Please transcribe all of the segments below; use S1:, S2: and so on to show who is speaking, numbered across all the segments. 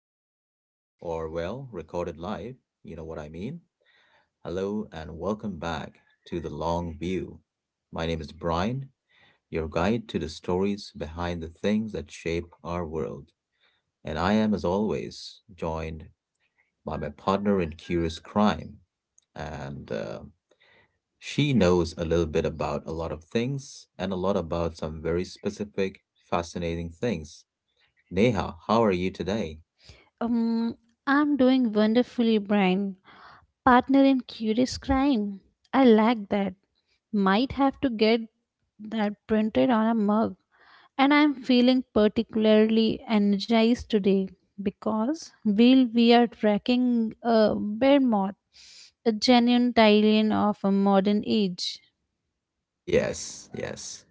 S1: live, or well, recorded live, you know what I mean. Hello, and welcome back to The Long View. My name is Brian, your guide to the stories behind the things that shape our world. And I am, as always, joined by my partner in Curious Crime. And she knows a little bit about a lot of things and a lot about some very specific, fascinating things. Neha, how are you today?
S2: Um, I'm doing wonderfully, Brian. Partner in Curious Crime. I like that. Might have to get that printed on a mug. And I'm feeling particularly energized today because we are tracking a bear moth, a genuine Thailand of a modern age.
S1: Yes, yes,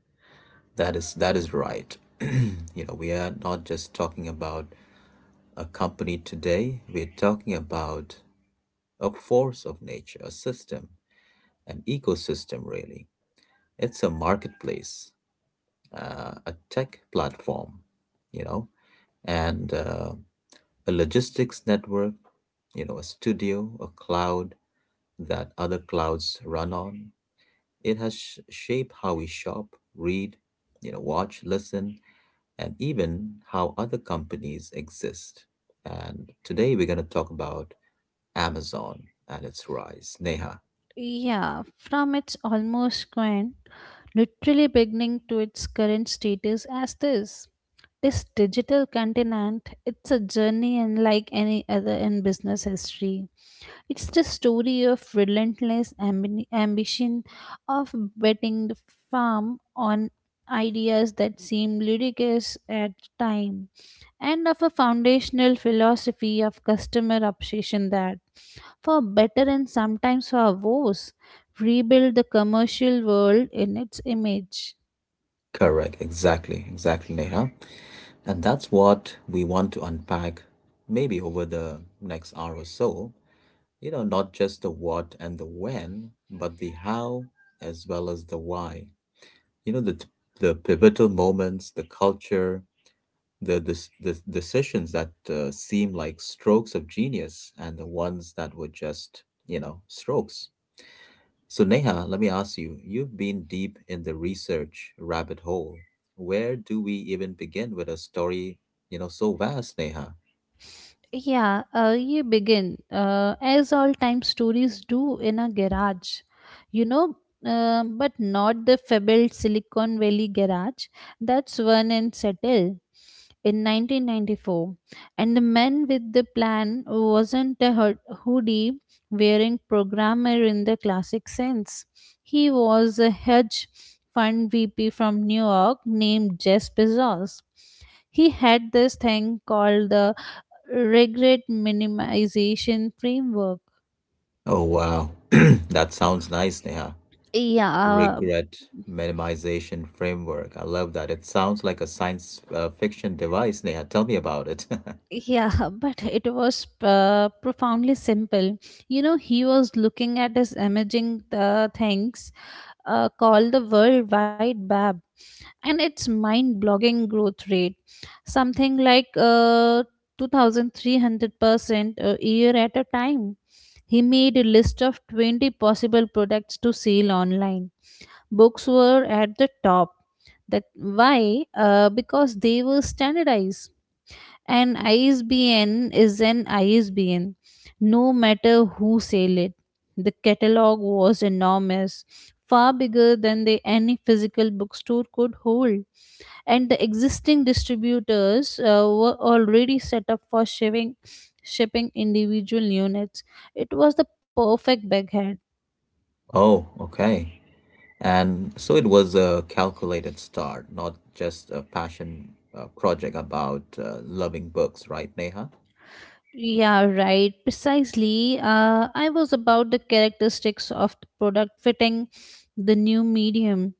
S1: that is that is right. You know, we are not just talking about a company today. We're talking about a force of nature, a system, an ecosystem, really. It's a marketplace, a tech platform, you know, and a logistics network, you know, a studio, a cloud that other clouds run on. It has shaped how we shop, read, you know, watch, listen and even how other companies exist. And today we're going to talk about Amazon and its rise, Neha.
S2: Yeah, from its almost grand, literally beginning to its current status as this. This digital continent, it's a journey unlike any other in business history. It's the story of relentless ambition of betting the farm on ideas that seem ludicrous at the time and of a foundational philosophy of customer obsession that, for better and sometimes for worse, rebuild the commercial world in its image.
S1: Correct, exactly, Neha. And that's what we want to unpack maybe over the next hour or so. You know, not just the what and the when, but the how as well as the why. You know, the pivotal moments, the culture, the this the s- the decisions that seem like strokes of genius and the ones that were just, you know, strokes. So Neha, let me ask you, you've been deep in the research rabbit hole. Where do we even begin with a story, you know, so vast, Neha?
S2: Yeah, you begin as all time stories do in a garage, you know, but not the fabled Silicon Valley garage. That's one and Settle in 1994, and the man with the plan wasn't a hoodie wearing programmer in the classic sense. He was a hedge fund VP from New York named Jess Bezos. He had this thing called the regret minimization framework.
S1: Oh wow. That sounds nice, Neha.
S2: Yeah, uh,
S1: Regret minimization framework, I love that. It sounds like a science fiction device. Neha, tell me about it.
S2: yeah, but it was profoundly simple. You know, he was looking at his emerging things called the World Wide Web and its mind blogging growth rate, something like 2300% a year at a time. He made a list of 20 possible products to sell online. Books were at the top. That why because they were standardized. An isbn is an isbn no matter who sell it. The catalog was enormous, far bigger than any physical bookstore could hold, and the existing distributors were already set up for shipping individual units. It was the perfect backhand.
S1: Oh, okay. And so it was a calculated start, not just a passion project about loving books, right, Neha?
S2: Yeah, right. Precisely. I was about the characteristics of the product fitting the new medium.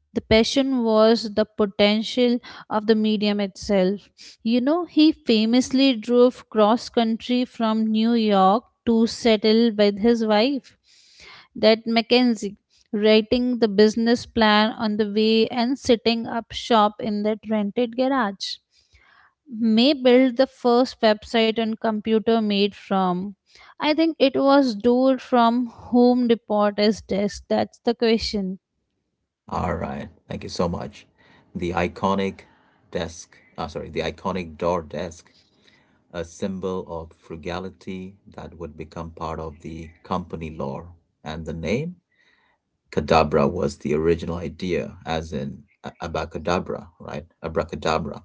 S2: The passion was the potential of the medium itself. You know, he famously drove cross country from New York to settle with his wife, that Mackenzie, writing the business plan on the way and setting up shop in that rented garage. May built the first website on computer made from. I think it was door from Home Depot as desk. That's the question.
S1: All right. Thank you so much. The iconic desk, sorry, the iconic door desk, a symbol of frugality that would become part of the company lore. And the name? Kadabra was the original idea, as in abacadabra, right? Abracadabra,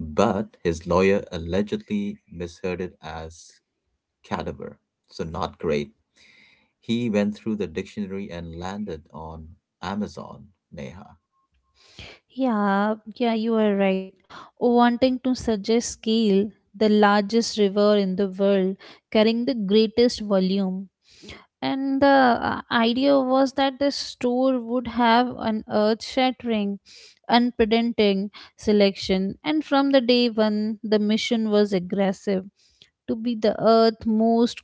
S1: but his lawyer allegedly misheard it as cadaver, so not great. He went through the dictionary and landed on Amazon, Neha.
S2: Yeah, yeah, you are right. Wanting to suggest scale, the largest river in the world, carrying the greatest volume. And the idea was that the store would have an earth shattering, unprecedented selection. And from the day one, the mission was aggressive to be the earth's most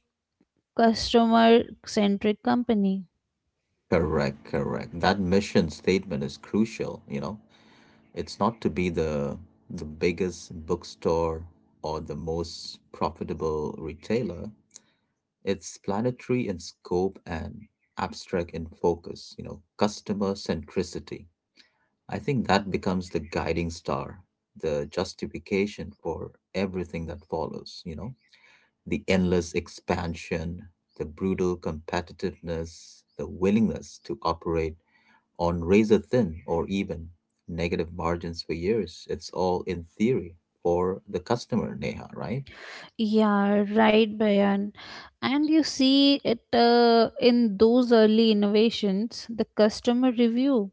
S2: customer centric company.
S1: Correct, correct. That mission statement is crucial, you know. It's not to be the biggest bookstore or the most profitable retailer. It's planetary in scope and abstract in focus, you know, customer centricity. I think that becomes the guiding star, the justification for everything that follows, you know, the endless expansion, the brutal competitiveness, the willingness to operate on razor thin or even negative margins for years. It's all in theory for the customer, Neha, right?
S2: Yeah, right, Bayan. And you see it in those early innovations, the customer review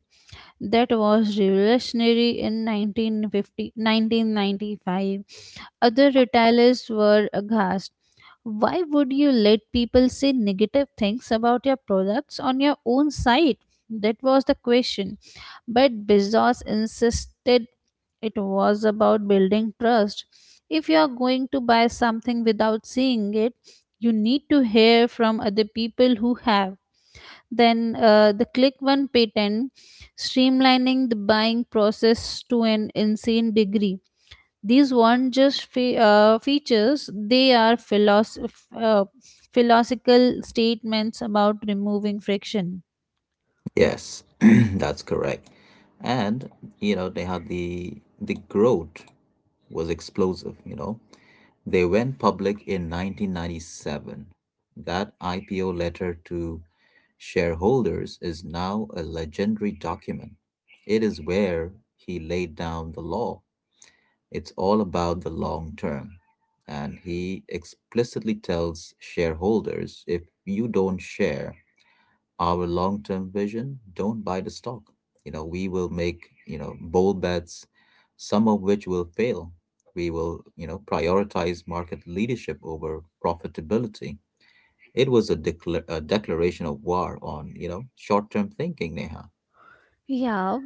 S2: that was revolutionary in 1950, 1995. Other retailers were aghast. Why would you let people say negative things about your products on your own site? That was the question. But Bezos insisted it was about building trust. If you are going to buy something without seeing it, you need to hear from other people who have. Then the Click One patent, streamlining the buying process to an insane degree. These weren't just features, they are philosophical statements about removing friction.
S1: Yes, that's correct. And, you know, Neha, the growth was explosive, you know. They went public in 1997. That IPO letter to shareholders is now a legendary document. It is where he laid down the law. It's all about the long term. And he explicitly tells shareholders, if you don't share our long-term vision, don't buy the stock. You know, we will make, you know, bold bets, some of which will fail. We will, you know, prioritize market leadership over profitability. It was a, a declaration of war on, you know, short-term thinking, Neha.
S2: Yeah,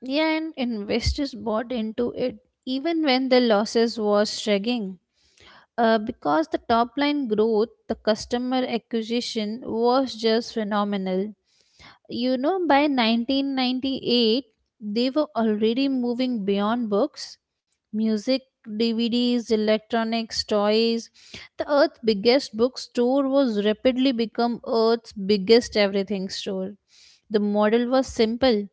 S2: yeah, and investors bought into it even when the losses was shrinking. Because the top line growth, the customer acquisition was just phenomenal. You know, by 1998, they were already moving beyond books, music, DVDs, electronics, toys. The Earth's biggest bookstore was rapidly become Earth's biggest everything store. The model was simple.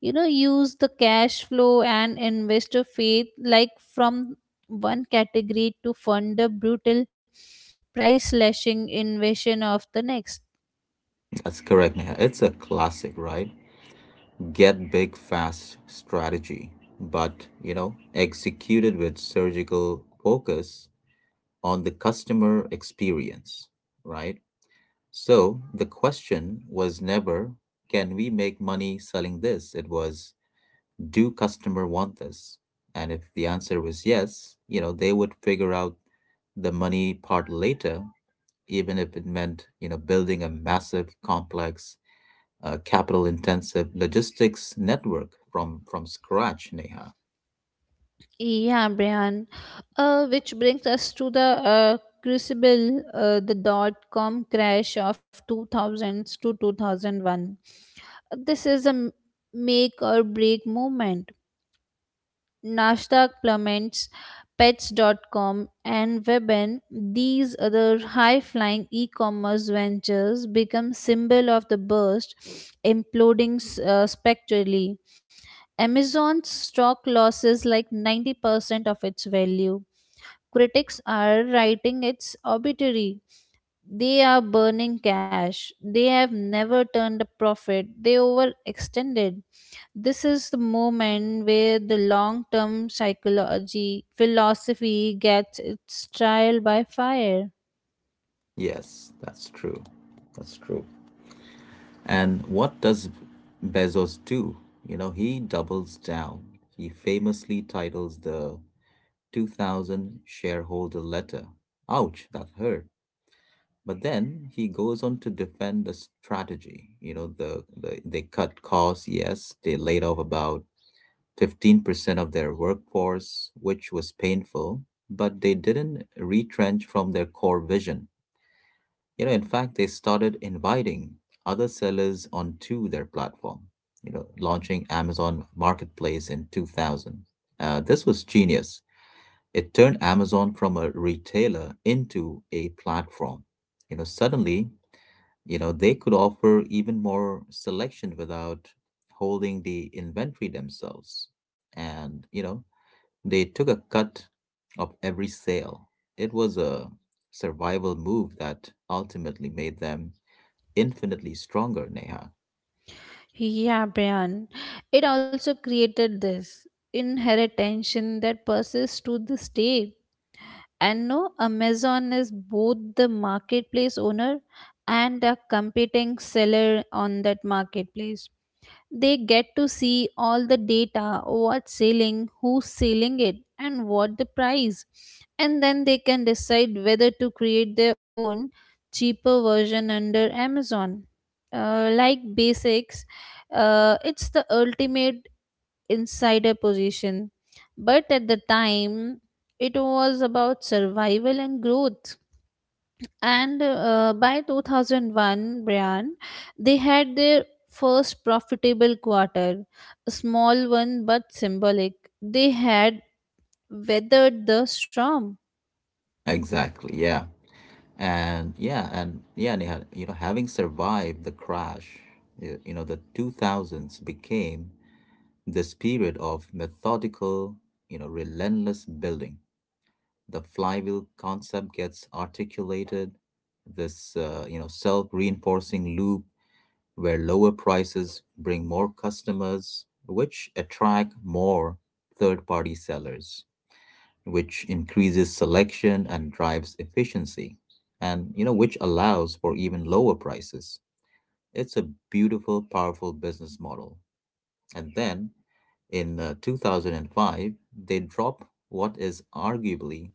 S2: You know, use the cash flow and investor faith like from one category to fund the brutal price slashing invasion of the next.
S1: That's correct, Neha. It's a classic, right? Get big fast strategy, but you know, executed with surgical focus on the customer experience, right? So the question was never, can we make money selling this? It was, do customer want this? And if the answer was yes, you know, they would figure out the money part later, even if it meant, you know, building a massive, complex, capital intensive logistics network from scratch, Neha.
S2: Yeah, Brian. Which brings us to the uh, crucible, the dot com crash of 2000s to 2001. This is a make or break moment. Nasdaq plummets, Pets.com, and Webin, these other high-flying e-commerce ventures become symbol of the burst, imploding spectrally. Amazon's stock losses like 90% of its value. Critics are writing its obituary. They are burning cash. They have never turned a profit. They overextended. This is the moment where the long term psychology philosophy gets its trial by fire.
S1: Yes, that's true. That's true. And what does Bezos do? You know, he doubles down. He famously titles the 2000 shareholder letter, Ouch, that hurt. But then he goes on to defend the strategy. You know, they cut costs, yes, they laid off about 15% of their workforce, which was painful, but they didn't retrench from their core vision. You know, in fact, they started inviting other sellers onto their platform, you know, launching Amazon Marketplace in 2000. This was genius. It turned Amazon from a retailer into a platform. You know, suddenly, you know, they could offer even more selection without holding the inventory themselves. And, you know, they took a cut of every sale. It was a survival move that ultimately made them infinitely stronger, Neha.
S2: Yeah, Brian. It also created this inherent tension that persists to this day. And no, Amazon is both the marketplace owner and a competing seller on that marketplace. They get to see all the data, what's selling, who's selling it, and what the price. And then they can decide whether to create their own cheaper version under Amazon. Like basics, it's the ultimate insider position. But at the time, it was about survival and growth. And by 2001, Brian, they had their first profitable quarter, a small one but symbolic. They had weathered the storm.
S1: Exactly, yeah. And yeah, Neha, you know, having survived the crash, you know, the 2000s became the spirit of methodical, you know, relentless building. The flywheel concept gets articulated, this you know self-reinforcing loop where lower prices bring more customers, which attract more third-party sellers, which increases selection and drives efficiency, and you know which allows for even lower prices. It's a beautiful, powerful business model. And then in 2005, they drop what is arguably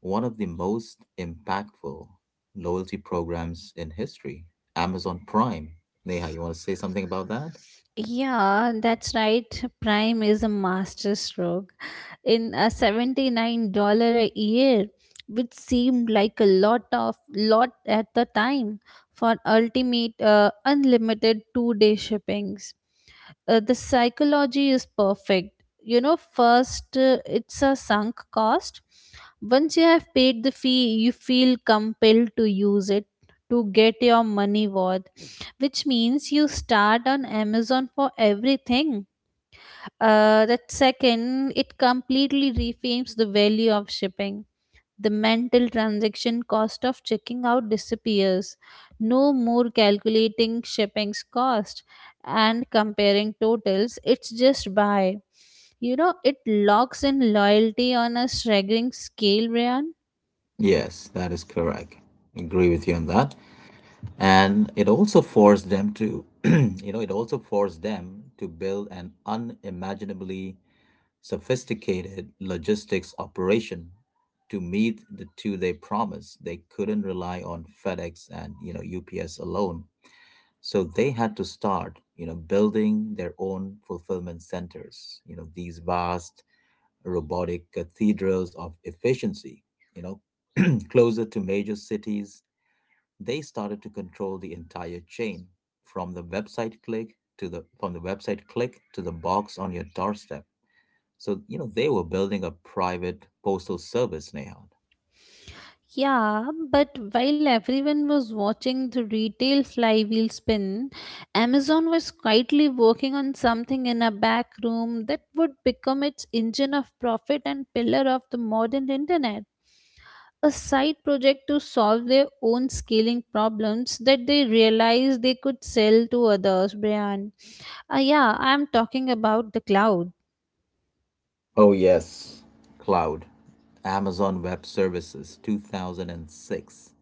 S1: one of the most impactful loyalty programs in history, Amazon Prime. Neha, you want to say something about that?
S2: Yeah, that's right. Prime is a master stroke. In a $79 a year, which seemed like a lot of lot at the time for ultimate unlimited two-day shippings. The psychology is perfect. You know, first it's a sunk cost. Once you have paid the fee, you feel compelled to use it to get your money worth, which means you start on Amazon for everything. That second, it completely reframes the value of shipping. The mental transaction cost of checking out disappears. No more calculating shipping's cost and comparing totals. It's just buy. You know, it locks in loyalty on a staggering scale, Ryan.
S1: Yes, that is correct. Agree with you on that. And it also forced them to you know it also forced them to build an unimaginably sophisticated logistics operation to meet the two they promised. They couldn't rely on FedEx and, you know, UPS alone, so they had to start, you know, building their own fulfillment centers, you know, these vast robotic cathedrals of efficiency, you know, closer to major cities. They started to control the entire chain, from the website click to the box on your doorstep. So, you know, they were building a private postal service, Neha.
S2: Yeah, but while everyone was watching the retail flywheel spin, Amazon was quietly working on something in a back room that would become its engine of profit and pillar of the modern internet. A side project to solve their own scaling problems that they realized they could sell to others, Brian. Yeah, I'm talking about the cloud.
S1: Oh, yes. Cloud, Amazon Web Services, 2006.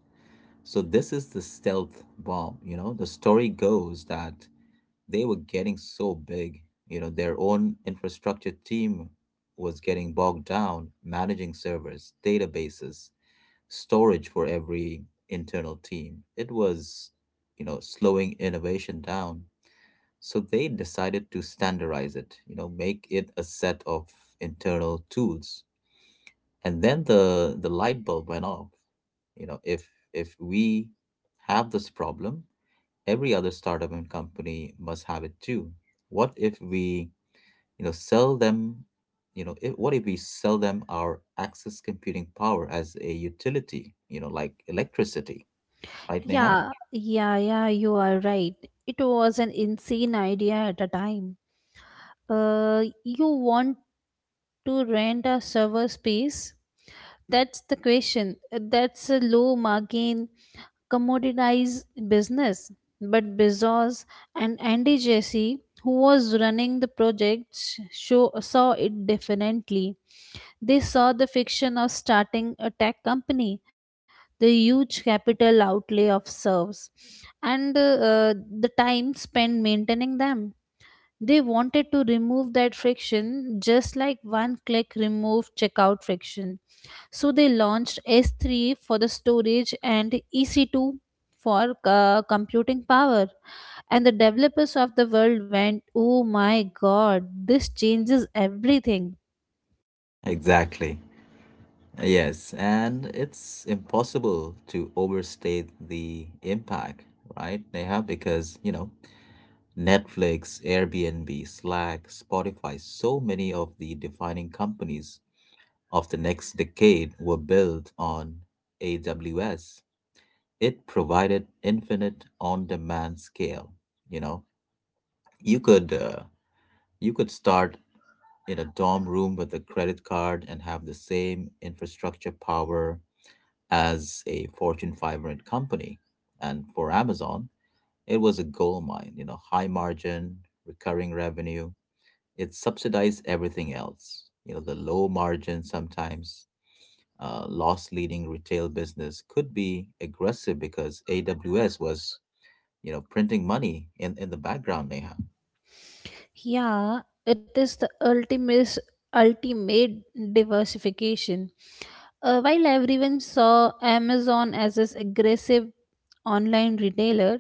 S1: So this is the stealth bomb. You know, the story goes that they were getting so big. You know, their own infrastructure team was getting bogged down managing servers, databases, storage for every internal team. It was, you know, slowing innovation down. So they decided to standardize it, you know, make it a set of internal tools. And then the light bulb went off. You know, if we have this problem, every other startup and company must have it too. What if we, you know, sell them, you know, if, what if we sell them our access computing power as a utility, you know, like electricity, right, Neha?
S2: Yeah, yeah, yeah, you are right. It was an insane idea at a time. You want to rent a server space? That's the question. That's a low margin, commoditized business. But Bezos and Andy Jassy, who was running the project, saw it differently. They saw the fiction of starting a tech company, the huge capital outlay of servers, and the time spent maintaining them. They wanted to remove that friction just like one click remove checkout friction. So they launched S3 for the storage and EC2 for computing power. And the developers of the world went, oh my god, this changes everything.
S1: Exactly. Yes, and it's impossible to overstate the impact, right, Neha? Because, you know, Netflix, Airbnb, Slack, Spotify, so many of the defining companies of the next decade were built on AWS. It provided infinite on-demand scale. You know, you could uh, you could start in a dorm room with a credit card and have the same infrastructure power as a Fortune 500 company. And for Amazon, it was a gold mine. You know, high margin, recurring revenue. It subsidized everything else. You know, the low margin sometimes loss leading retail business could be aggressive because AWS was, you know, printing money in the background, Neha.
S2: Yeah, it is the ultimate diversification. While everyone saw Amazon as this aggressive online retailer,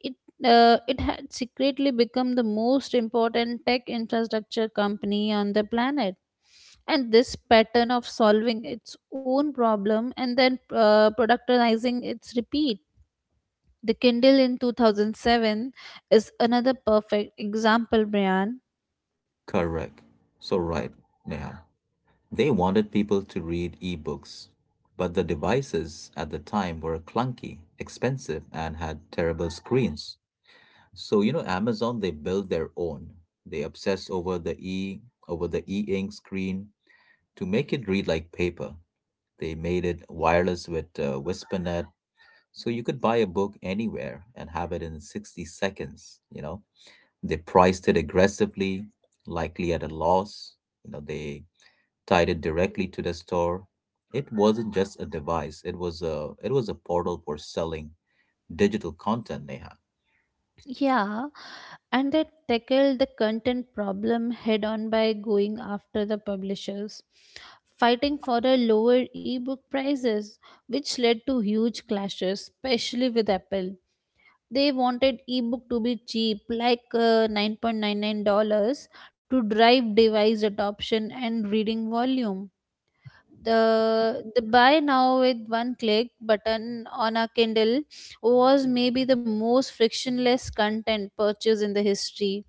S2: it it had secretly become the most important tech infrastructure company on the planet. And this pattern of solving its own problem and then productizing its repeat the Kindle in 2007 is another perfect example, Brian.
S1: Correct. So right, Neha. They wanted people to read ebooks, but the devices at the time were clunky, expensive, and had terrible screens. So you know, Amazon they built their own. They obsess over the e-ink screen to make it read like paper. They made it wireless with WhisperNet. So you could buy a book anywhere and have it in 60 seconds, you know. They priced it aggressively, likely at a loss. You know, they tied it directly to the store. It wasn't just a device, it was a portal for selling digital content, Neha.
S2: Yeah, and they tackled the content problem head on by going after the publishers, fighting for the lower ebook prices, which led to huge clashes, especially with Apple. They wanted ebook to be cheap, like $9.99, to drive device adoption and reading volume. The buy now with one click button on a Kindle was maybe the most frictionless content purchase in the history.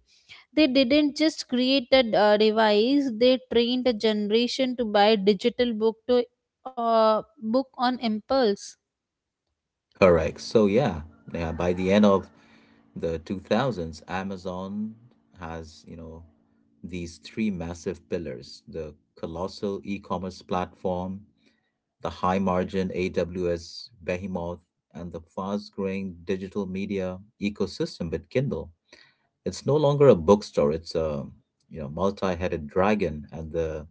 S2: They didn't just create a device, they trained a generation to buy digital book to book on impulse.
S1: Correct. So yeah, yeah, by the end of the 2000s, Amazon has, you know, these three massive pillars, the colossal e commerce platform, the high-margin AWS behemoth, and the fast-growing digital media ecosystem with Kindle. It's no longer a bookstore; it's a, you know, multi-headed dragon, and the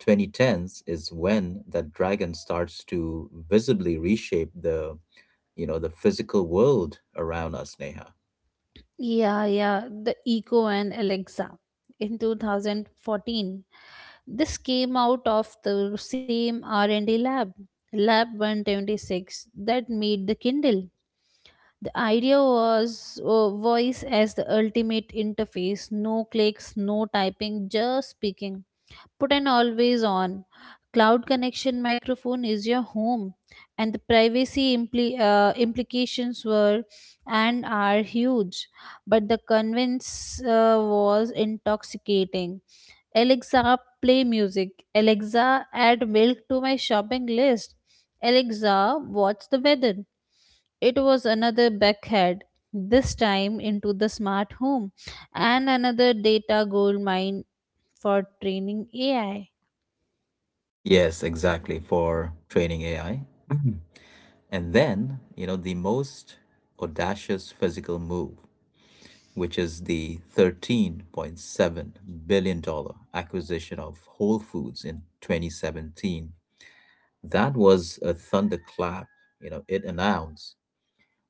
S1: 2010s is when that dragon starts to visibly reshape the, you know, the physical world around us, Neha.
S2: Yeah, yeah, the Echo and Alexa in 2014. This came out of the same R&D lab, Lab 126, that made the Kindle. The idea was voice as the ultimate interface, no clicks, no typing, just speaking. Put an always on cloud connection microphone is your home, and the privacy implications were and are huge. But the convince was intoxicating. Alexa, play music. Alexa, add milk to my shopping list. Alexa, what's the weather? It was another backhead, this time into the smart home, and another data gold mine for training AI.
S1: Yes, exactly. For training AI. And then, you know, the most audacious physical move, which is the $13.7 billion dollars acquisition of Whole Foods in 2017. That was a thunderclap. You know, it announced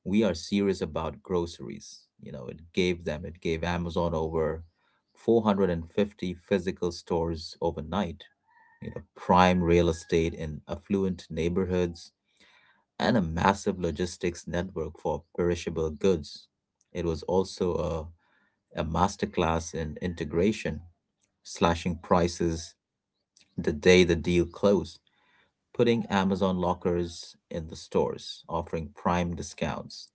S1: we are serious about groceries. You know, it gave them, it gave Amazon over 450 physical stores overnight, you know, prime real estate in affluent neighborhoods and a massive logistics network for perishable goods. It was also a masterclass in integration, slashing prices the day the deal closed, putting Amazon lockers in the stores, offering prime discounts.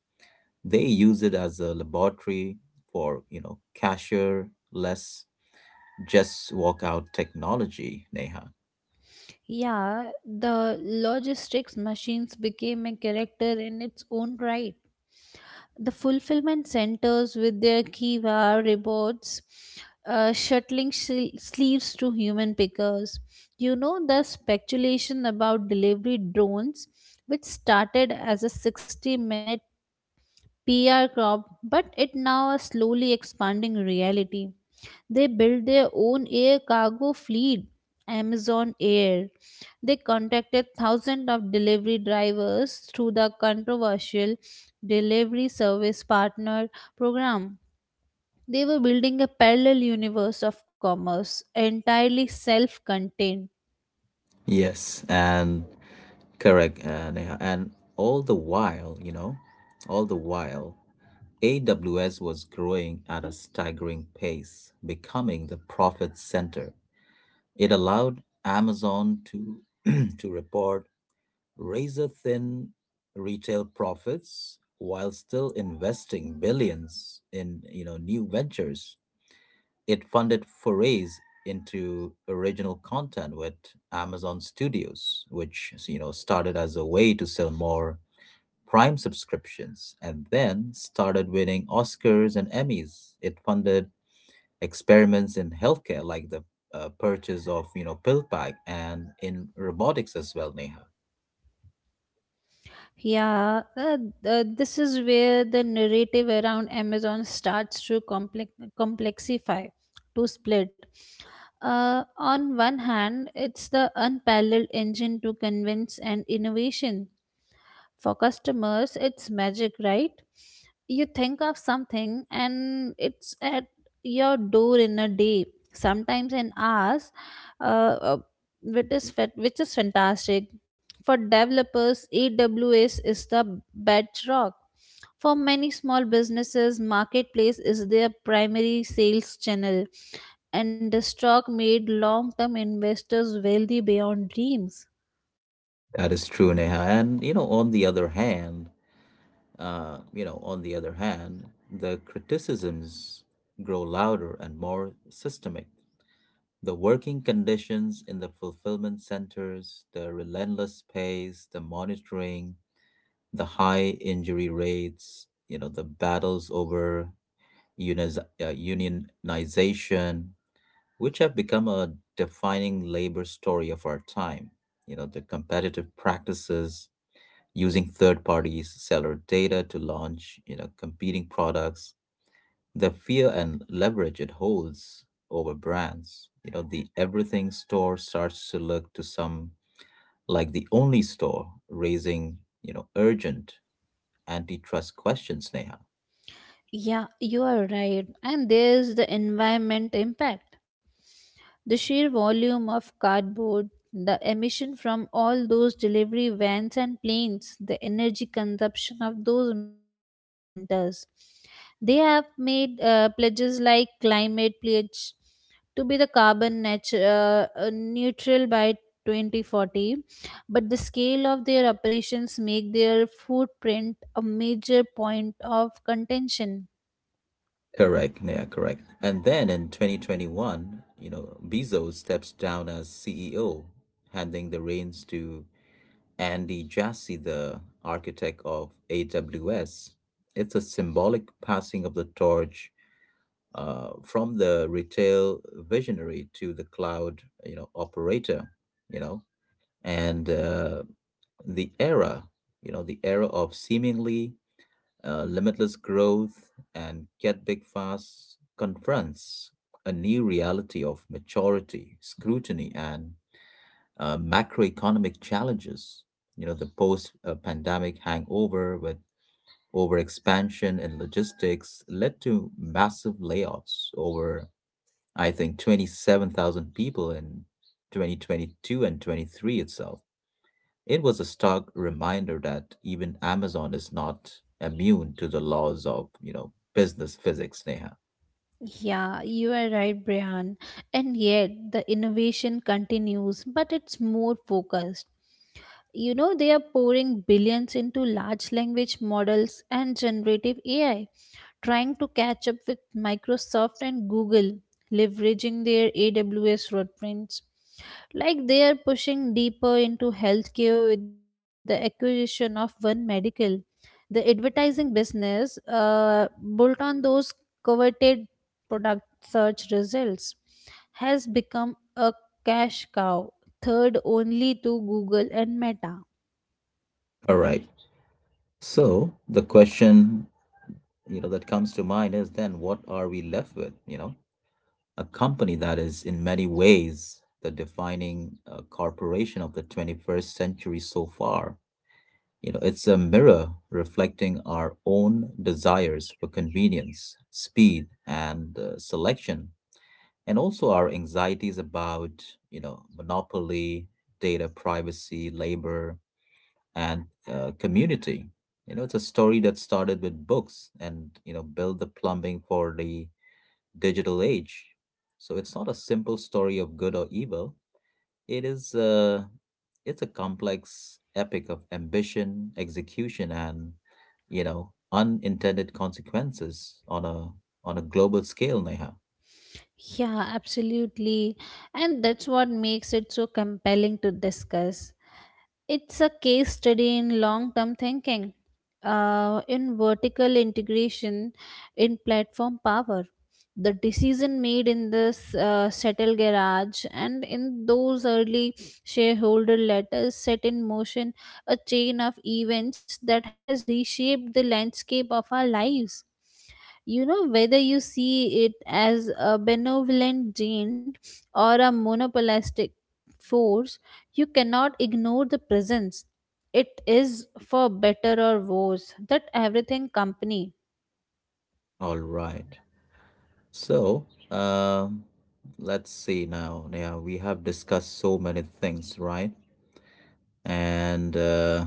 S1: They use it as a laboratory for, you know, cashier less just walk out technology, Neha.
S2: Yeah, the logistics machines became a character in its own right. The fulfillment centers with their Kiva robots shuttling sleeves to human pickers. You know the speculation about delivery drones, which started as a 60-minute PR crop, but it now a slowly expanding reality. They built their own air cargo fleet, Amazon Air. They contacted thousands of delivery drivers through the controversial Delivery Service Partner program. They were building a parallel universe of commerce, entirely self contained.
S1: Yes, and correct, Neha. And all the while, you know, all the while, AWS was growing at a staggering pace, becoming the profit center. It allowed Amazon to, to report razor thin retail profits while still investing billions in new ventures. It funded forays into original content with Amazon Studios, which started as a way to sell more Prime subscriptions and then started winning Oscars and Emmys. It funded experiments in healthcare like the purchase of, PillPack and in robotics as well, Neha.
S2: Yeah, uh, this is where the narrative around Amazon starts to complexify, to split. On one hand, it's the unparalleled engine to convince and innovation. For customers, it's magic, right? You think of something and it's at your door in a day, sometimes in hours, uh, uh, which is which is fantastic. For developers, AWS is the bedrock. For many small businesses, marketplace is their primary sales channel, and the stock made long-term investors wealthy beyond dreams.
S1: That is true, Neha. And you know, on the other hand, uh, you know, on the other hand, the criticisms grow louder and more systemic. The working conditions in the fulfillment centers, the relentless pace, the monitoring, the high injury rates, you know, the battles over unionization, which have become a defining labor story of our time. You know, the competitive practices using third parties seller data to launch, you know, competing products the fear and leverage it holds over brands. You know, the everything store starts to look to some like the only store, raising, you know, urgent antitrust questions, Neha.
S2: Yeah, you are right. And there's the environment impact. The sheer volume of cardboard, the emission from all those delivery vans and planes, the energy consumption of those massive data centers. They have made pledges like climate pledge to be the neutral by 2040, but the scale of their operations make their footprint a major point of contention.
S1: Correct, Neha, correct. And then in 2021, you know, Bezos steps down as CEO, handing the reins to Andy Jassy, the architect of AWS. It's a symbolic passing of the torch from the retail visionary to the cloud, you know, operator, you know, and the era, the era of seemingly limitless growth and get big fast confronts a new reality of maturity, scrutiny, and macroeconomic challenges. You know, the post-pandemic hangover with overexpansion in logistics led to massive layoffs over I think, 27,000 people in 2022 and 23 itself. It was a stark reminder that even Amazon is not immune to the laws of, you know, business physics, Neha.
S2: Yeah, you are right, Brian. And yet the innovation continues, but it's more focused. You know, they are pouring billions into large language models and generative AI, trying to catch up with Microsoft and Google, leveraging their AWS footprints. Like they are pushing deeper into healthcare with the acquisition of One Medical. The advertising business built on those coveted product search results has become a cash cow, third only to Google and Meta.
S1: All right. So the question, you know, that comes to mind is then what are we left with? You know, a company that is in many ways the defining corporation of the 21st century so far. You know, it's a mirror reflecting our own desires for convenience, speed, and selection, and also our anxieties about, you know, monopoly, data privacy, labor, and community. You know, it's a story that started with books and, you know, built the plumbing for the digital age. So it's not a simple story of good or evil. It is a it's a complex epic of ambition, execution, and you know unintended consequences on a global scale, Neha.
S2: Yeah, absolutely. And that's what makes it so compelling to discuss. It's a case study in long term thinking, in vertical integration, in platform power. The decision made in this settle garage and in those early shareholder letters set in motion a chain of events that has reshaped the landscape of our lives. You know, whether you see it as a benevolent giant or a monopolistic force, you cannot ignore the presence. It is, for better or worse, that everything company.
S1: All right. So let's see now, Neha. We have discussed so many things, right? And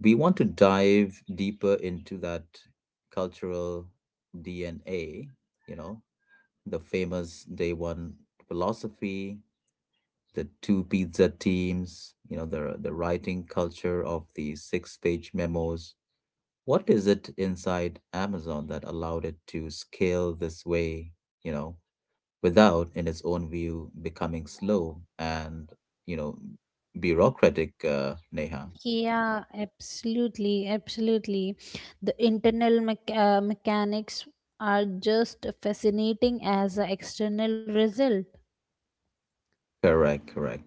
S1: we want to dive deeper into that cultural DNA. You know, the famous day one philosophy the two pizza teams, you know, the writing culture of the six-page memos. What is it inside Amazon that allowed it to scale this way, you know, without, in its own view, becoming slow and, you know, bureaucratic, Neha?
S2: Yeah, absolutely. The internal mechanics are just fascinating as an external result.
S1: Correct, correct.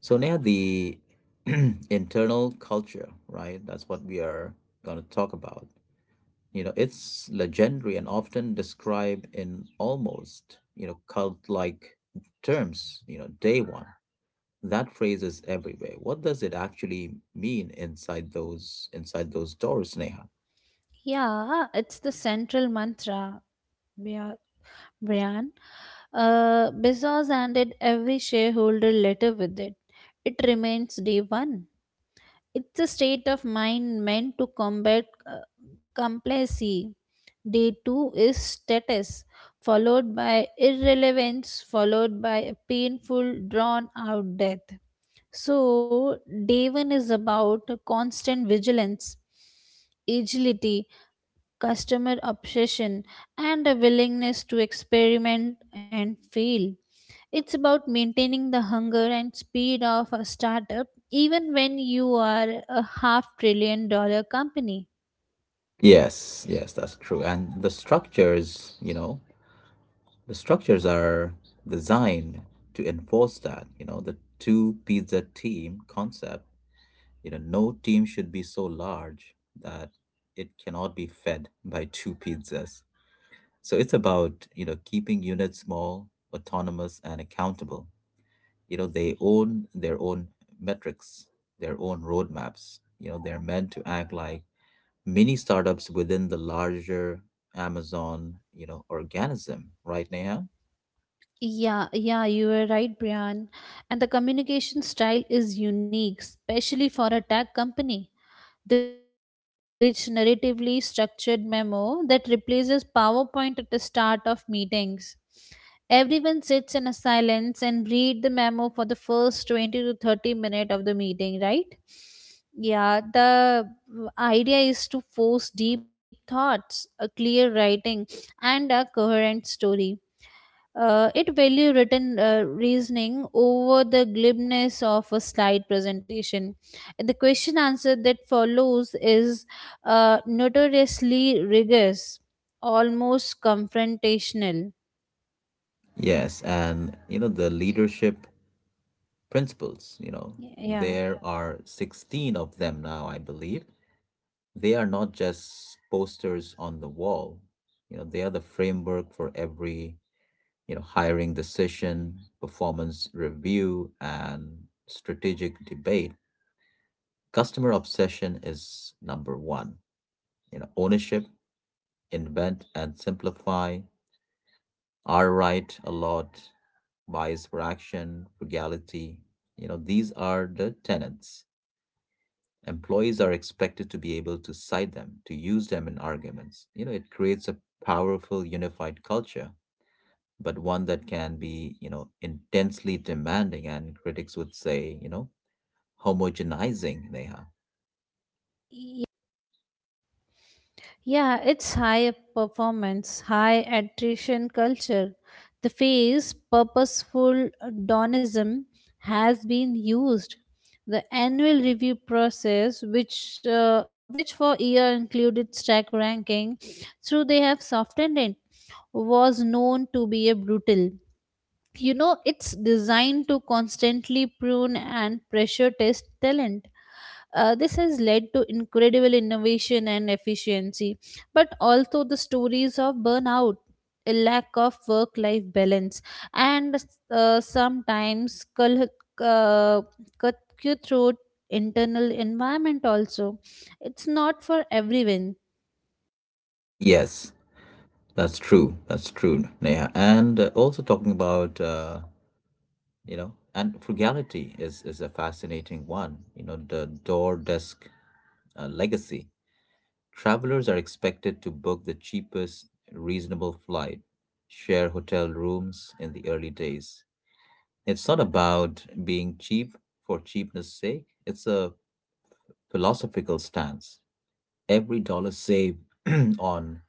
S1: So Neha, the internal culture, right? That's what we are going to talk about. You know, it's legendary and often described in almost, you know, cult-like terms, you know, day one. That phrase is everywhere. What does it actually mean inside those doors, Neha?
S2: Yeah, it's the central mantra, Bia- Brian. Bezos handed every shareholder letter with it. It remains day one. It's a state of mind meant to combat complacency. Day two is status, followed by irrelevance, followed by a painful, drawn out death. So, day one is about constant vigilance, agility, customer obsession, and a willingness to experiment and fail. It's about maintaining the hunger and speed of a startup even when you are a half $1 trillion company.
S1: Yes, yes, that's true. And the structures, you know, the structures are designed to enforce that, you know, the two pizza team concept. You know, no team should be so large that it cannot be fed by two pizzas. So it's about, you know, keeping units small, autonomous, and accountable. You know, they own their own metrics, their own roadmaps. You know, they're meant to act like mini startups within the larger Amazon, you know, organism, right, Neha?
S2: Yeah, yeah, you were right, Brian. And the communication style is unique, especially for a tech company. The famous six-page narratively structured memo that replaces PowerPoint at the start of meetings. Everyone sits in a silence and read the memo for the first 20 to 30 minutes of the meeting, right? Yeah, the idea is to force deep thoughts, a clear writing, and a coherent story. It value written reasoning over the glibness of a slide presentation. And the question answer that follows is notoriously rigorous, almost confrontational.
S1: Yes, and you know, the leadership principles, you know,
S2: Yeah.
S1: there are 16 of them now, I believe. They are not just posters on the wall. You know, they are the framework for every you know, hiring decision, performance review, and strategic debate, customer obsession is number one. You know, ownership, invent and simplify, are right a lot, bias for action, frugality. You know, these are the tenets. Employees are expected to be able to cite them, to use them in arguments. You know, it creates a powerful unified culture but one that can be, you know, intensely demanding and critics would say, you know, homogenizing, Neha.
S2: Yeah, it's high performance, high attrition culture. The phrase purposeful hedonism has been used. The annual review process, which for year included stack ranking, through they have softened it, was known to be a brutal. You know, it's designed to constantly prune and pressure test talent. This has led to incredible innovation and efficiency, but also the stories of burnout, a lack of work life balance, and sometimes uh, cutthroat internal environment also. It's not for everyone.
S1: Yes, that's true. That's true, Neha. And also talking about, you know, and frugality is a fascinating one. You know, the door desk legacy. Travelers are expected to book the cheapest reasonable flight, share hotel rooms in the early days. It's not about being cheap for cheapness sake. It's a philosophical stance. Every dollar saved on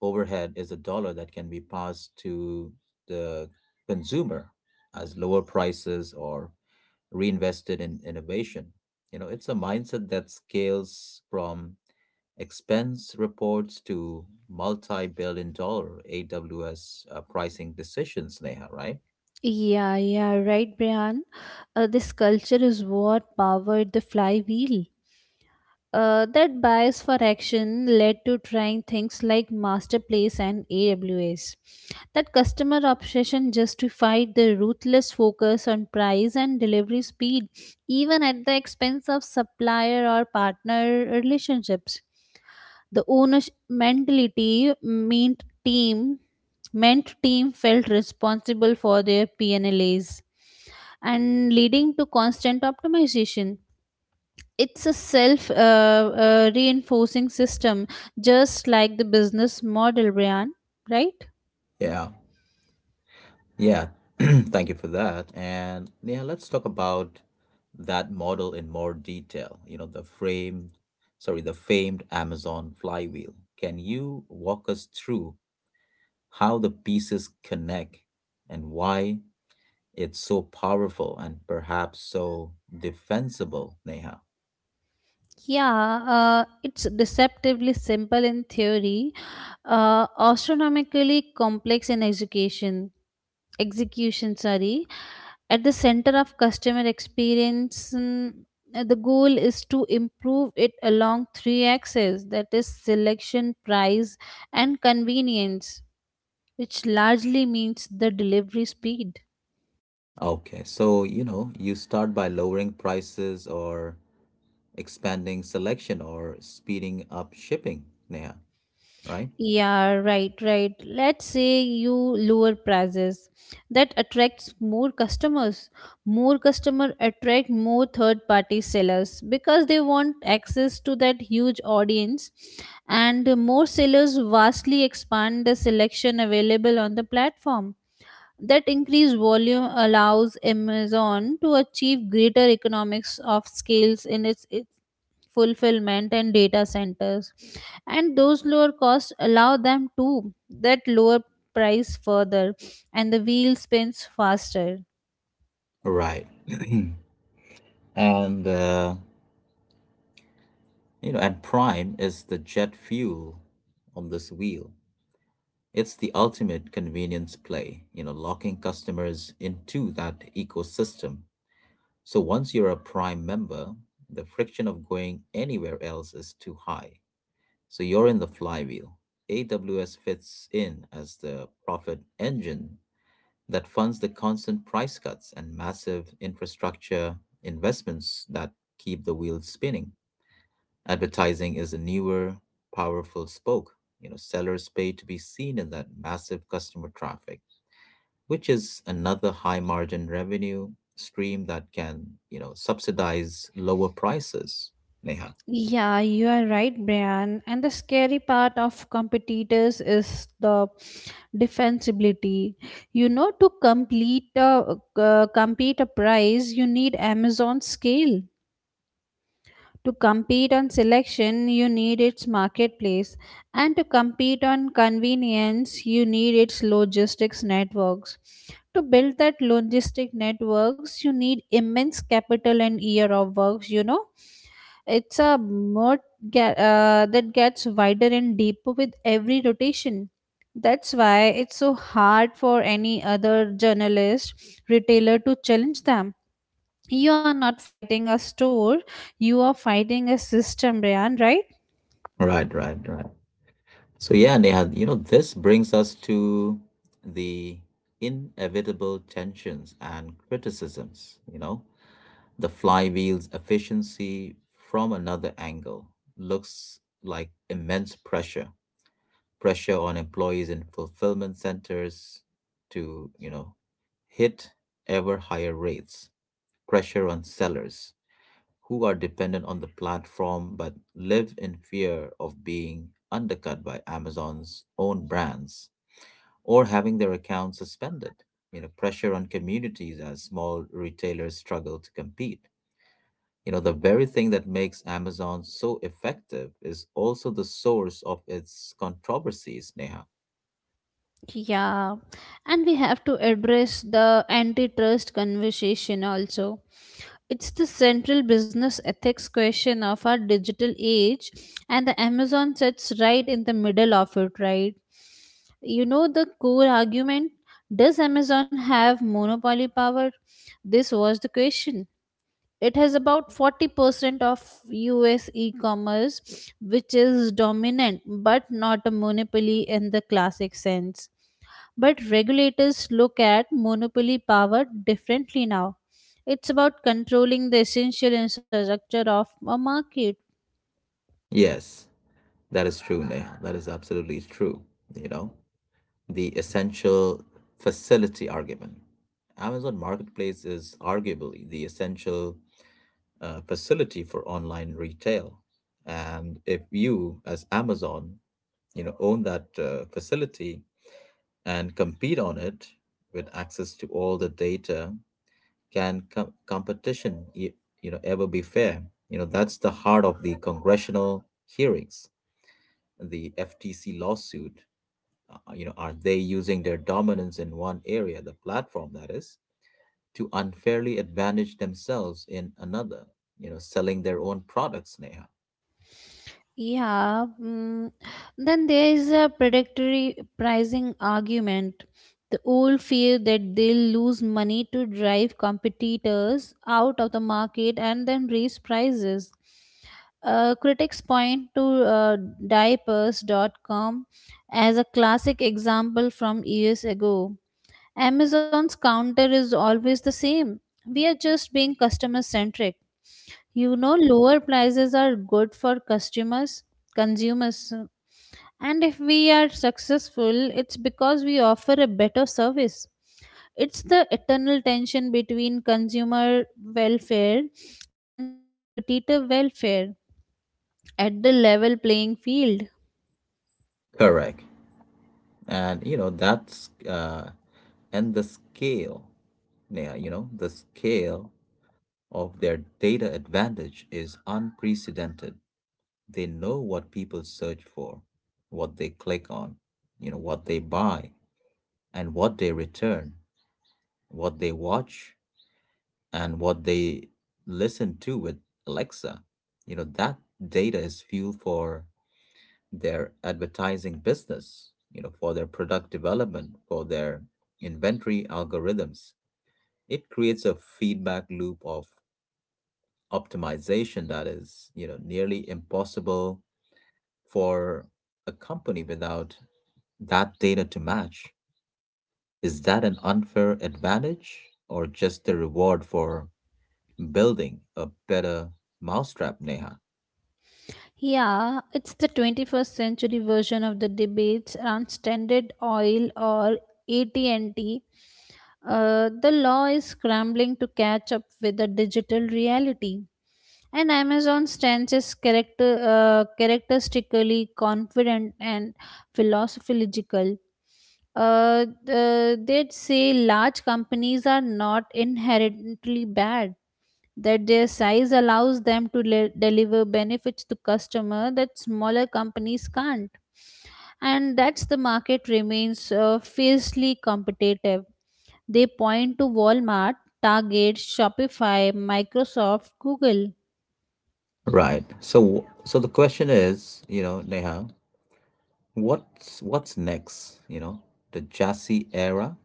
S1: overhead is a dollar that can be passed to the consumer as lower prices or reinvested in innovation. You know, it's a mindset that scales from expense reports to multi billion-dollar AWS pricing decisions, Neha, right?
S2: Yeah, yeah, right, Brian. This culture is what powered the flywheel. That bias for action led to trying things like Masterplace and AWS. That customer obsession justified the ruthless focus on price and delivery speed, even at the expense of supplier or partner relationships. The ownership mentality meant team felt responsible for their PNLAs and leading to constant optimization. It's a self reinforcing system, just like the business model, Brian, right?
S1: Yeah, yeah. Thank you for that. And yeah, let's talk about that model in more detail. The famed Amazon flywheel. Can you walk us through how the pieces connect, and why it's so powerful and perhaps so defensible, Neha.
S2: Yeah, it's deceptively simple in theory, astronomically complex in execution. Execution, sorry. At the center of customer experience, the goal is to improve it along three axes, that is selection, price, and convenience, which largely means the delivery speed.
S1: Okay, so you know, you start by lowering prices or expanding selection or speeding up shipping, Neha, right?
S2: Yeah, right, right. Let's say you lower prices. That attracts more customers. More customer attract more third party sellers because they want access to that huge audience, and more sellers vastly expand the selection available on the platform. That increased volume allows Amazon to achieve greater economics of scales in its fulfillment and data centers. And those lower costs allow them to that lower price further, and the wheel spins faster.
S1: Right. And uh, and Prime is the jet fuel on this wheel. It's the ultimate convenience play, you know, locking customers into that ecosystem. So once you're a Prime member, the friction of going anywhere else is too high. So you're in the flywheel. AWS fits in as the profit engine that funds the constant price cuts and massive infrastructure investments that keep the wheels spinning. Advertising is a newer, powerful spoke. You know, sellers pay to be seen in that massive customer traffic which is another high margin revenue stream that can, you know, subsidize lower prices, Neha.
S2: Yeah, you are right, Brian. And the scary part of competitors is the defensibility. You know, to compete a price, you need Amazon scale. To compete on selection, you need its marketplace, and to compete on convenience, you need its logistics networks. To build that logistic networks, you need immense capital and year of works, you know. It's a mode that gets wider and deeper with every rotation. That's why it's so hard for any other journalist, retailer to challenge them. You are not fighting a store, you are fighting a system, Brian, right?
S1: Right, right, right. So yeah, Neha, you know, this brings us to the inevitable tensions and criticisms, you know. The flywheel's efficiency from another angle looks like immense pressure, pressure on employees in fulfillment centers to, you know, hit ever higher rates pressure on sellers who are dependent on the platform but live in fear of being undercut by Amazon's own brands or having their accounts suspended. You know, pressure on communities as small retailers struggle to compete. You know, the very thing that makes Amazon so effective is also the source of its controversies, Neha.
S2: Yeah, and we have to address the antitrust conversation also. It's the central business ethics question of our digital age, and the Amazon sits right in the middle of it, right? You know the core argument, does Amazon have monopoly power? This was the question. It has about 40% of US e commerce, which is dominant but not a monopoly in the classic sense. But regulators look at monopoly power differently now. It's about controlling the essential infrastructure of a market.
S1: Yes, that is true, Neha. That is absolutely true, you know. The essential facility argument. Amazon Marketplace is arguably the essential facility for online retail. And if you, as Amazon, you know, own that facility and compete on it with access to all the data, can competition, you know, ever be fair? You know, that's the heart of the congressional hearings, the FTC lawsuit, you know are they using their dominance in one area the platform that is to unfairly advantage themselves in another, you know, selling their own products, Neha?
S2: Yeah, mm, then there is a predatory pricing argument. The old fear that they'll lose money to drive competitors out of the market and then raise prices. Critics point to diapers.com as a classic example from years ago. Amazon's counter is always the same. We are just being customer centric. You know, lower prices are good for customers, consumers, and if we are successful, it's because we offer a better service. It's the eternal tension between consumer welfare and a competitive welfare at the level playing field.
S1: Correct. And you know that's uh and the scale, Neha, you know, the scale of their data advantage is unprecedented. They know what people search for, what they click on, you know, what they buy and what they return, what they watch and what they listen to with Alexa. You know, that data is fuel for their advertising business, you know, for their product development, for their inventory algorithms. It creates a feedback loop of optimization that is, you know, nearly impossible for a company without that data to match? Is that an unfair advantage or just a reward for building a better mousetrap, Neha?
S2: Yeah, it's the 21st century version of the debates around Standard Oil or AT&T. The law is scrambling to catch up with the digital reality. And Amazon stands is characteristically confident and philosophical. They'd say large companies are not inherently bad, that their size allows them to deliver benefits to customer that smaller companies can't, and that's the market remains fiercely competitive. They point to Walmart, Target, Shopify, Microsoft, Google.
S1: Right. So the question is, you know, Neha, what's next? You know, the chassis era.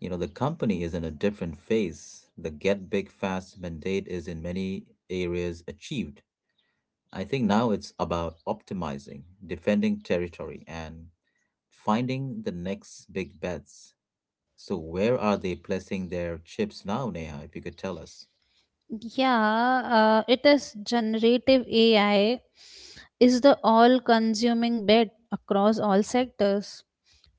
S1: You know, the company is in a different phase. The get big fast mandate is in many areas achieved. I think now it's about optimizing, defending territory, and finding the next big bets. So where are they placing their chips now, Neha, if you could tell us?
S2: Yeah, it is generative AI is the all-consuming bet across all sectors.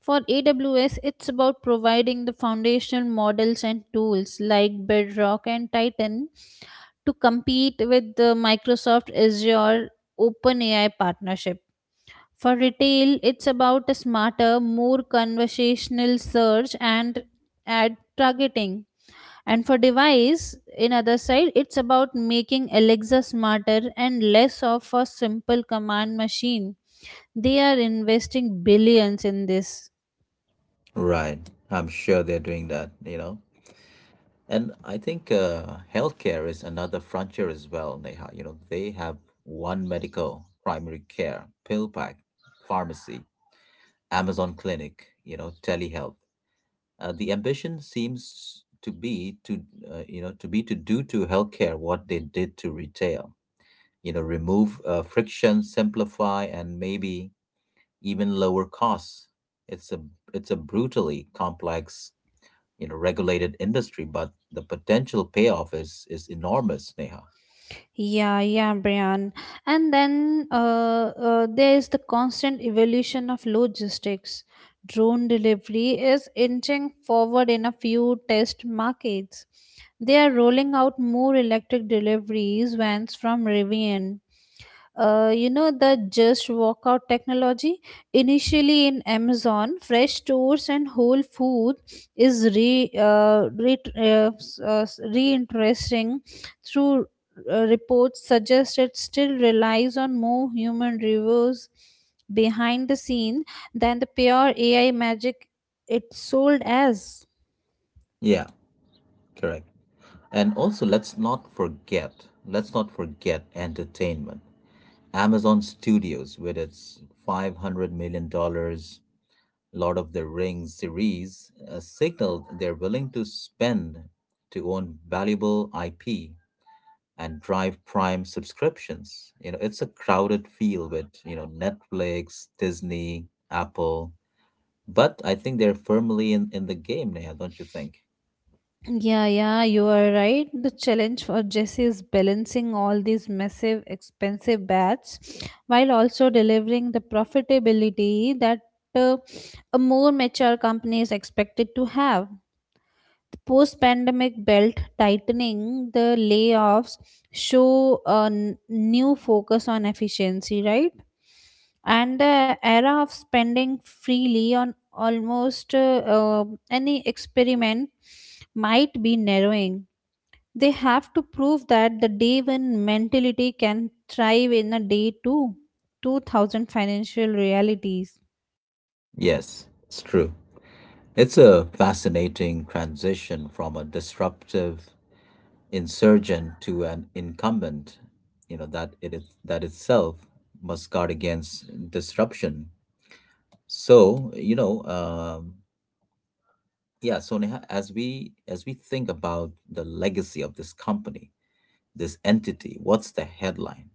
S2: For AWS, it's about providing the foundational models and tools like Bedrock and Titan to compete with the Microsoft Azure OpenAI partnership. For retail, it's about a smarter, more conversational search and ad targeting. And for device, in other side, it's about making Alexa smarter and less of a simple command machine. They are investing billions in this.
S1: Right. I'm sure they're doing that, you know. And I think healthcare is another frontier as well, Neha. You know, they have one medical, primary care, pill pack, pharmacy, Amazon clinic, you know, telehealth. The ambition seems to be to do to healthcare what they did to retail, you know, remove friction, simplify, and maybe even lower costs. It's a it's a brutally complex, you know, regulated industry, but the potential payoff is enormous, Neha.
S2: Yeah, yeah, Brian. And then there is the constant evolution of logistics. Drone delivery is inching forward in a few test markets. They are rolling out more electric deliveries vans from Rivian. You know, the just walkout technology initially in Amazon Fresh stores and Whole Food is reinteresting through reports suggest it still relies on more human reviews behind the scene than the pure AI magic it sold as.
S1: Yeah, correct. And also let's not forget entertainment. Amazon Studios, with its $500 million dollars Lord of the Rings series, signaled they're willing to spend to own valuable IP and drive Prime subscriptions. You know, it's a crowded field with, you know, Netflix, Disney, Apple, but I think they're firmly in the game, Neha, don't you think?
S2: Yeah, yeah, you are right. The challenge for Jesse is balancing all these massive, expensive bats while also delivering the profitability that uh, a more mature company is expected to have. Post pandemic belt tightening, the layoffs show a new focus on efficiency, right? And the era of spending freely on almost any experiment might be narrowing. They have to prove that the day when mentality can thrive in a day two, 2000 financial realities.
S1: Yes, it's true. It's a fascinating transition from a disruptive insurgent to an incumbent that it is that itself must guard against disruption, so yeah. So Neha, as we think about the legacy of this company, this entity, what's the headline?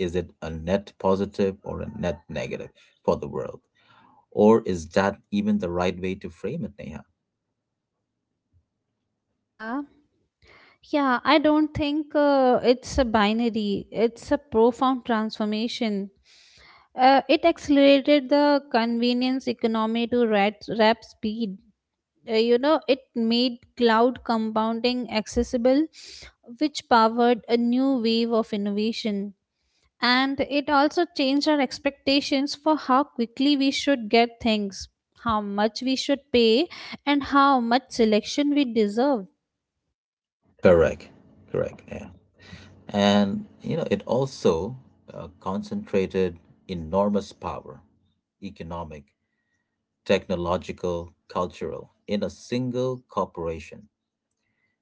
S1: Is it a net positive or a net negative for the world? Or is that even the right way to frame it, Neha?
S2: Yeah. Yeah, I don't think it's a binary. It's a profound transformation. It accelerated the convenience economy to rap speed. You know, it made cloud compounding accessible, which powered a new wave of innovation. And it also changed our expectations for how quickly we should get things, how much we should pay, and how much selection we deserve.
S1: Correct, correct, yeah. And you know, it also concentrated enormous power, economic, technological, cultural, in a single corporation.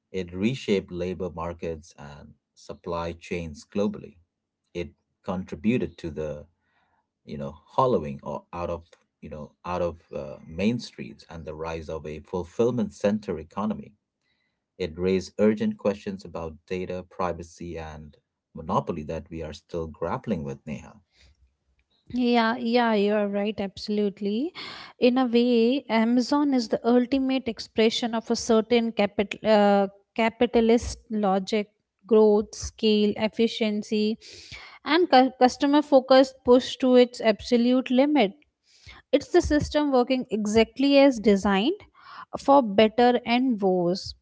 S1: It reshaped labor markets and supply chains globally. It contributed to the hollowing or out of out of main streets and the rise of a fulfillment center economy. It raised urgent questions about data privacy and monopoly that we are still grappling with, Neha.
S2: Yeah, yeah, you are right, absolutely. In a way, Amazon is the ultimate expression of a certain capitalist logic, growth, scale, efficiency, and customer focused push to its absolute limit. It's the system working exactly as designed, for better and worse.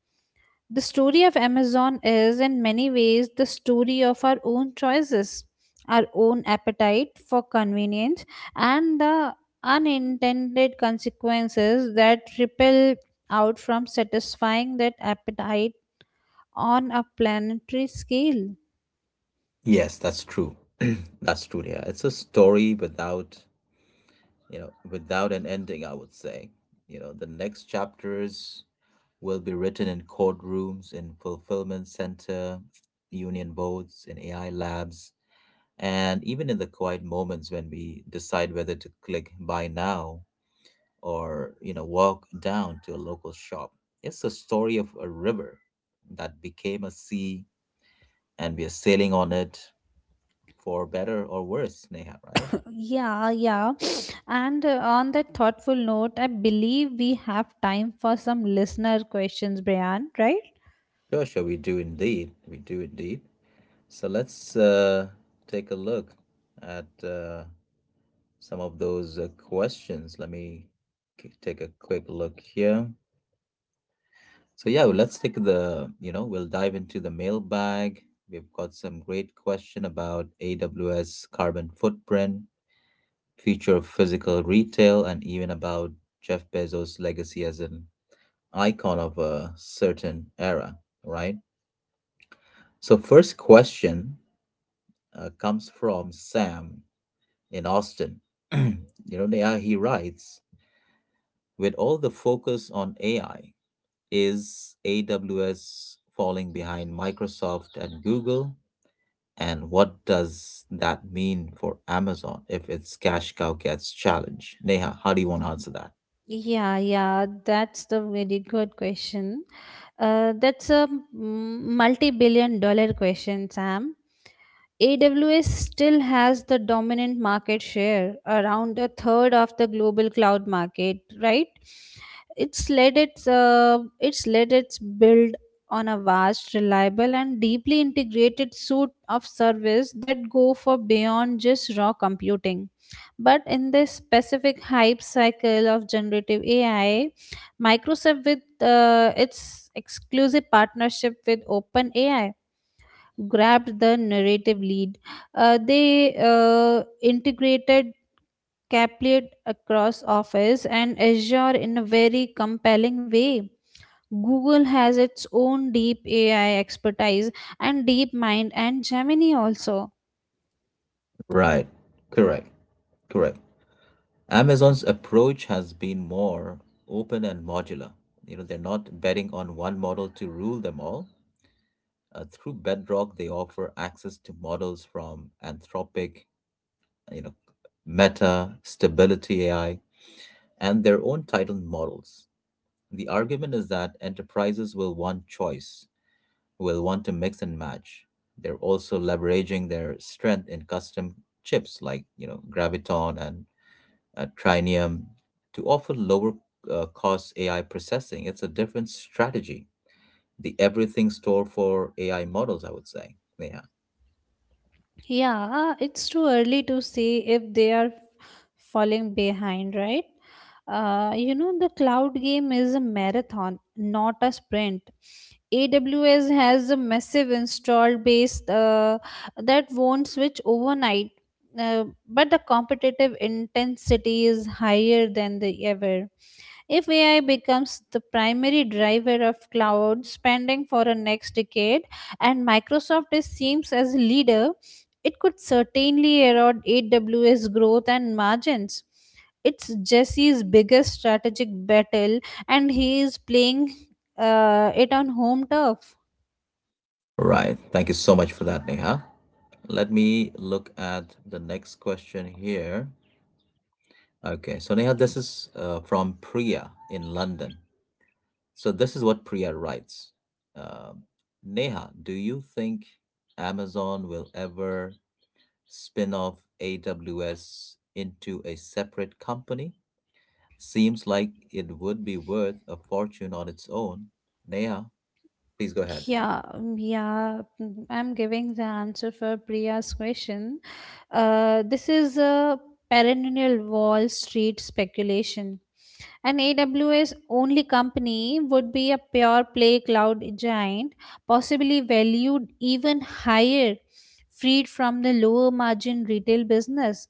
S2: The story of Amazon is, in many ways, the story of our own choices, our own appetite for convenience, and the unintended consequences that ripple out from satisfying that appetite on a planetary scale.
S1: Yes, that's true. That's true, Neha. It's a story without without an ending, I would say. You know, the next chapters will be written in courtrooms, in fulfillment center union boards, in AI labs, and even in the quiet moments when we decide whether to click buy now or walk down to a local shop. It's the story of a river that became a sea, and we are sailing on it for better or worse, Neha, right?
S2: Yeah, yeah. And on that thoughtful note, I believe we have time for some listener questions, Brian, right?
S1: Sure, sure, we do indeed, we do indeed. So let's take a look at some of those questions. Let me take a quick look here. So yeah, well, let's take the, we'll dive into the mailbag. We've got some great question about AWS carbon footprint, future of physical retail, and even about Jeff Bezos' legacy as an icon of a certain era, right? So first question comes from Sam in Austin. you he writes, with all the focus on AI, is AWS falling behind Microsoft and Google? And what does that mean for Amazon if its cash cow gets challenged? Neha, how do you want to answer that?
S2: Yeah, yeah, that's the very good question. That's a multi-multi-billion dollar question, Sam. AWS still has the dominant market share, around a third of the global cloud market, right? It's led its build on a vast, reliable, and deeply integrated suite of service that go for beyond just raw computing. But in this specific hype cycle of generative AI, Microsoft with its exclusive partnership with OpenAI grabbed the narrative lead. They integrated capillate across Office and Azure in a very compelling way. Google has its own deep AI expertise and DeepMind and Gemini also.
S1: Right. Correct. Correct. Amazon's approach has been more open and modular. You know, they're not betting on one model to rule them all. Through Bedrock, they offer access to models from Anthropic, you know, Meta, Stability AI, and their own title models. The argument is that enterprises will want choice, will want to mix and match. They're also leveraging their strength in custom chips like Graviton and Trinium, to offer lower cost AI processing. It's a different strategy. The everything store for AI models, I would say, Neha.
S2: Yeah, it's too early to see if they are falling behind, right? You know, the cloud game is a marathon, not a sprint. AWS has a massive installed base that won't switch overnight, but the competitive intensity is higher than the ever. If AI becomes the primary driver of cloud spending for the next decade, and Microsoft is, seems as leader, it could certainly erode AWS growth and margins. It's Jesse's biggest strategic battle, and he is playing it on home turf.
S1: Right. Thank you so much for that, Neha. Let me look at the next question here. Okay, so Neha, this is from Priya in London. So this is what Priya writes. Um Neha, do you think Amazon will ever spin off AWS into a separate company? Seems like it would be worth a fortune on its own. Neha, please go ahead.
S2: Yeah, I'm giving the answer for Priya's question. This is a perennial Wall Street speculation. An AWS only company would be a pure play cloud giant, possibly valued even higher, freed from the lower margin retail business.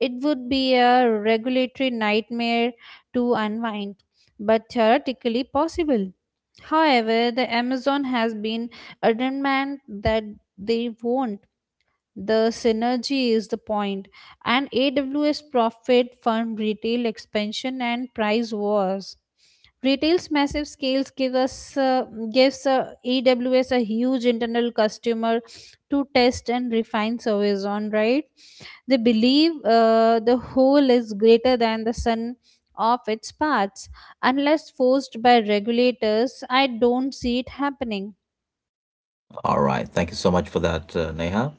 S2: It would be a regulatory nightmare to unwind, but theoretically possible. However, the Amazon has been adamant that they won't. The synergy is the point, and AWS profit from retail expansion and price wars. Retail's massive scales gives EWS a huge internal customer to test and refine service on. Right, they believe the whole is greater than the sum of its parts. Unless forced by regulators, I don't see it happening.
S1: All right, thank you so much for that, Neha.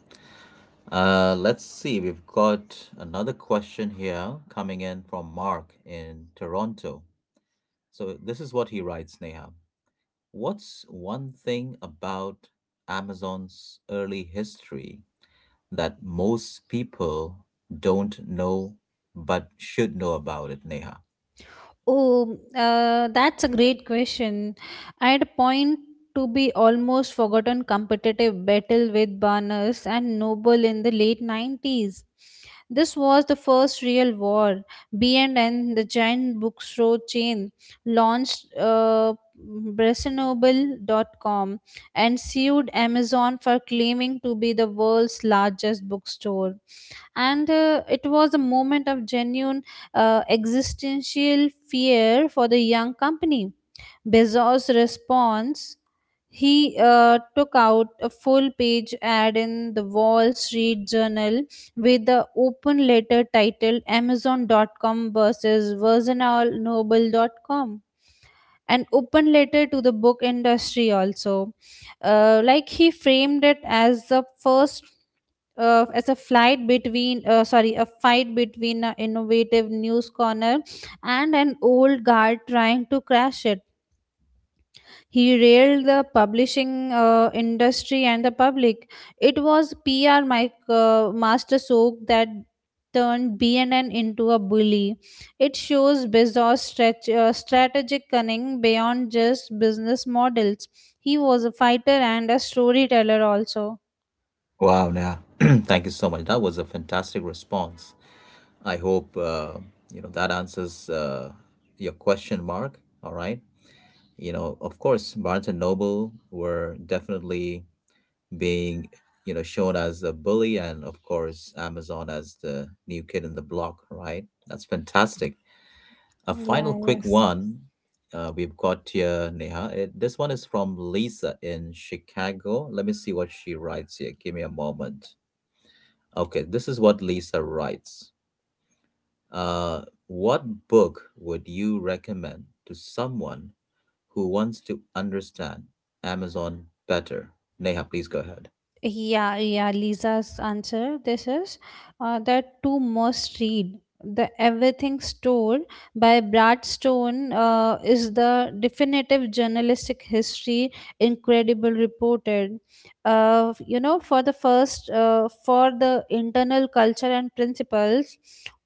S1: Let's see. We've got another question here coming in from Mark in Toronto. So this is what he writes, Neha. What's one thing about Amazon's early history that most people don't know but should know about it, Neha?
S2: Oh, that's a great question. I'd point to be almost forgotten competitive battle with Barnes and Noble in the late 90s. This was the first real war. B&N, the giant bookstore chain, launched dot com and sued Amazon for claiming to be the world's largest bookstore and it was a moment of genuine existential fear for the young company. Bezos' response, he took out a full page ad in the Wall Street Journal with the open letter titled Amazon.com versus VersionalNoble.com, and open letter to the book industry also. Like he framed it as the first as a flight between sorry a fight between an innovative news corner and an old guard trying to crash it. He railed the publishing industry and the public. It was PR master soak that turned BNN into a bully. It shows Bezos' strategic cunning beyond just business models. He was a fighter and a storyteller also.
S1: Wow, Neha. Thank you so much. That was a fantastic response. I hope that answers your question, Mark. All right. You know, of course, Barnes and Noble were definitely being, you know, shown as a bully, and of course, Amazon as the new kid in the block, right? That's fantastic. A final
S2: Yeah,
S1: quick
S2: yes.
S1: one we've got here, Neha. This one is from Lisa in Chicago. Let me see what she writes here. Give me a moment. Okay, this is what Lisa writes. Uh, what book would you recommend to someone who wants to understand Amazon better? Neha, please go ahead.
S2: Yeah, yeah, Lisa's answer. This is that two must read. The Everything Store by Brad Stone is the definitive journalistic history, incredible reported. For the for the internal culture and principles,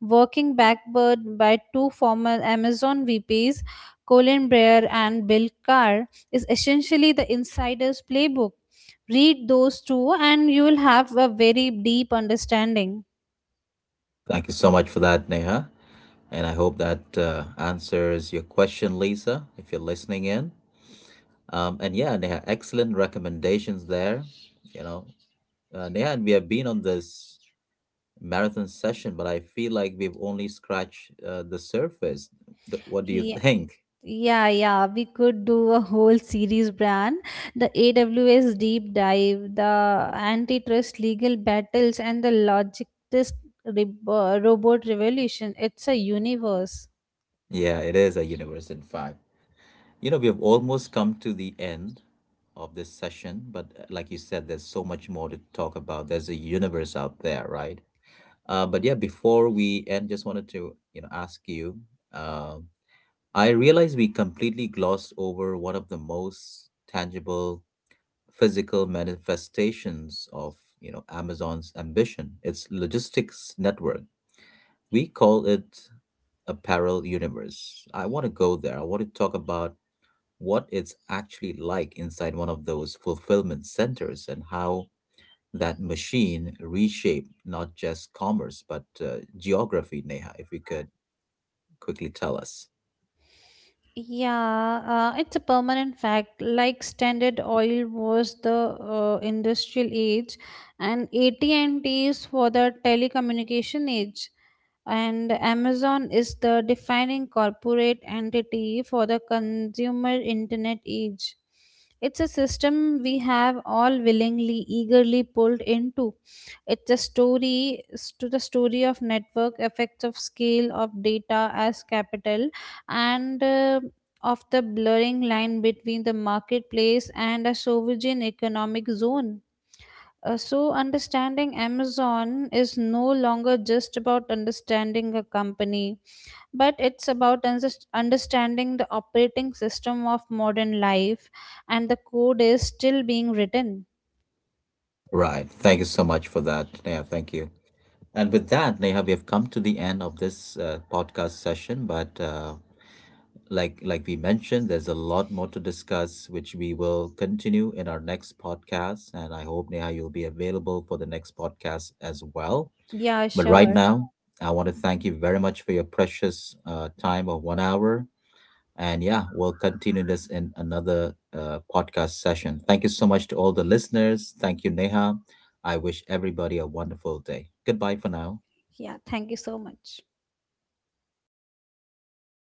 S2: working backward by two former Amazon VPs, Colin Breyer and Bill Carr, is essentially the insider's playbook. Read those two and you will have a very deep understanding.
S1: Thank you so much for that, Neha. And I hope that answers your question, Lisa, if you're listening in. And yeah, Neha, excellent recommendations there. You know, Neha, and we have been on this marathon session, but I feel like we've only scratched the surface. What do you
S2: Yeah,
S1: think?
S2: yeah, yeah, we could do a whole series, Bran. The AWS deep dive, the antitrust legal battles, and the logistics robot revolution. It's a universe.
S1: Yeah, it is a universe, in fact. You know, we have almost come to the end of this session, but like you said, there's so much more to talk about. There's a universe out there, right? But yeah, before we end, just wanted to, you know, ask you. Uh, I realize we completely glossed over one of the most tangible physical manifestations of, you know, Amazon's ambition. Its logistics network. We call it a parallel universe. I want to go there. I want to talk about what it's actually like inside one of those fulfillment centers, and how that machine reshaped not just commerce but geography, Neha, if you could quickly tell us.
S2: Yeah, it's a permanent fact. Like Standard Oil was the industrial age, and AT&T is for the telecommunication age, and Amazon is the defining corporate entity for the consumer internet age. It's a system we have all willingly, eagerly pulled into. It's a story to the story of network effects, of scale, of data as capital, and of the blurring line between the marketplace and a sovereign economic zone. So, understanding Amazon is no longer just about understanding a company, but it's about understanding the operating system of modern life, and the code is still being written.
S1: Right. Thank you so much for that, Neha. Thank you. And with that, Neha, we have come to the end of this podcast session. But like we mentioned, there's a lot more to discuss, which we will continue in our next podcast. And I hope, Neha, you'll be available for the next podcast as well.
S2: Yeah,
S1: But right
S2: sure.
S1: now, I want to thank you very much for your precious time of 1 hour. And yeah, we'll continue this in another podcast session. Thank you so much to all the listeners. Thank you, Neha. I wish everybody a wonderful day. Goodbye for now.
S2: Yeah, thank you so much.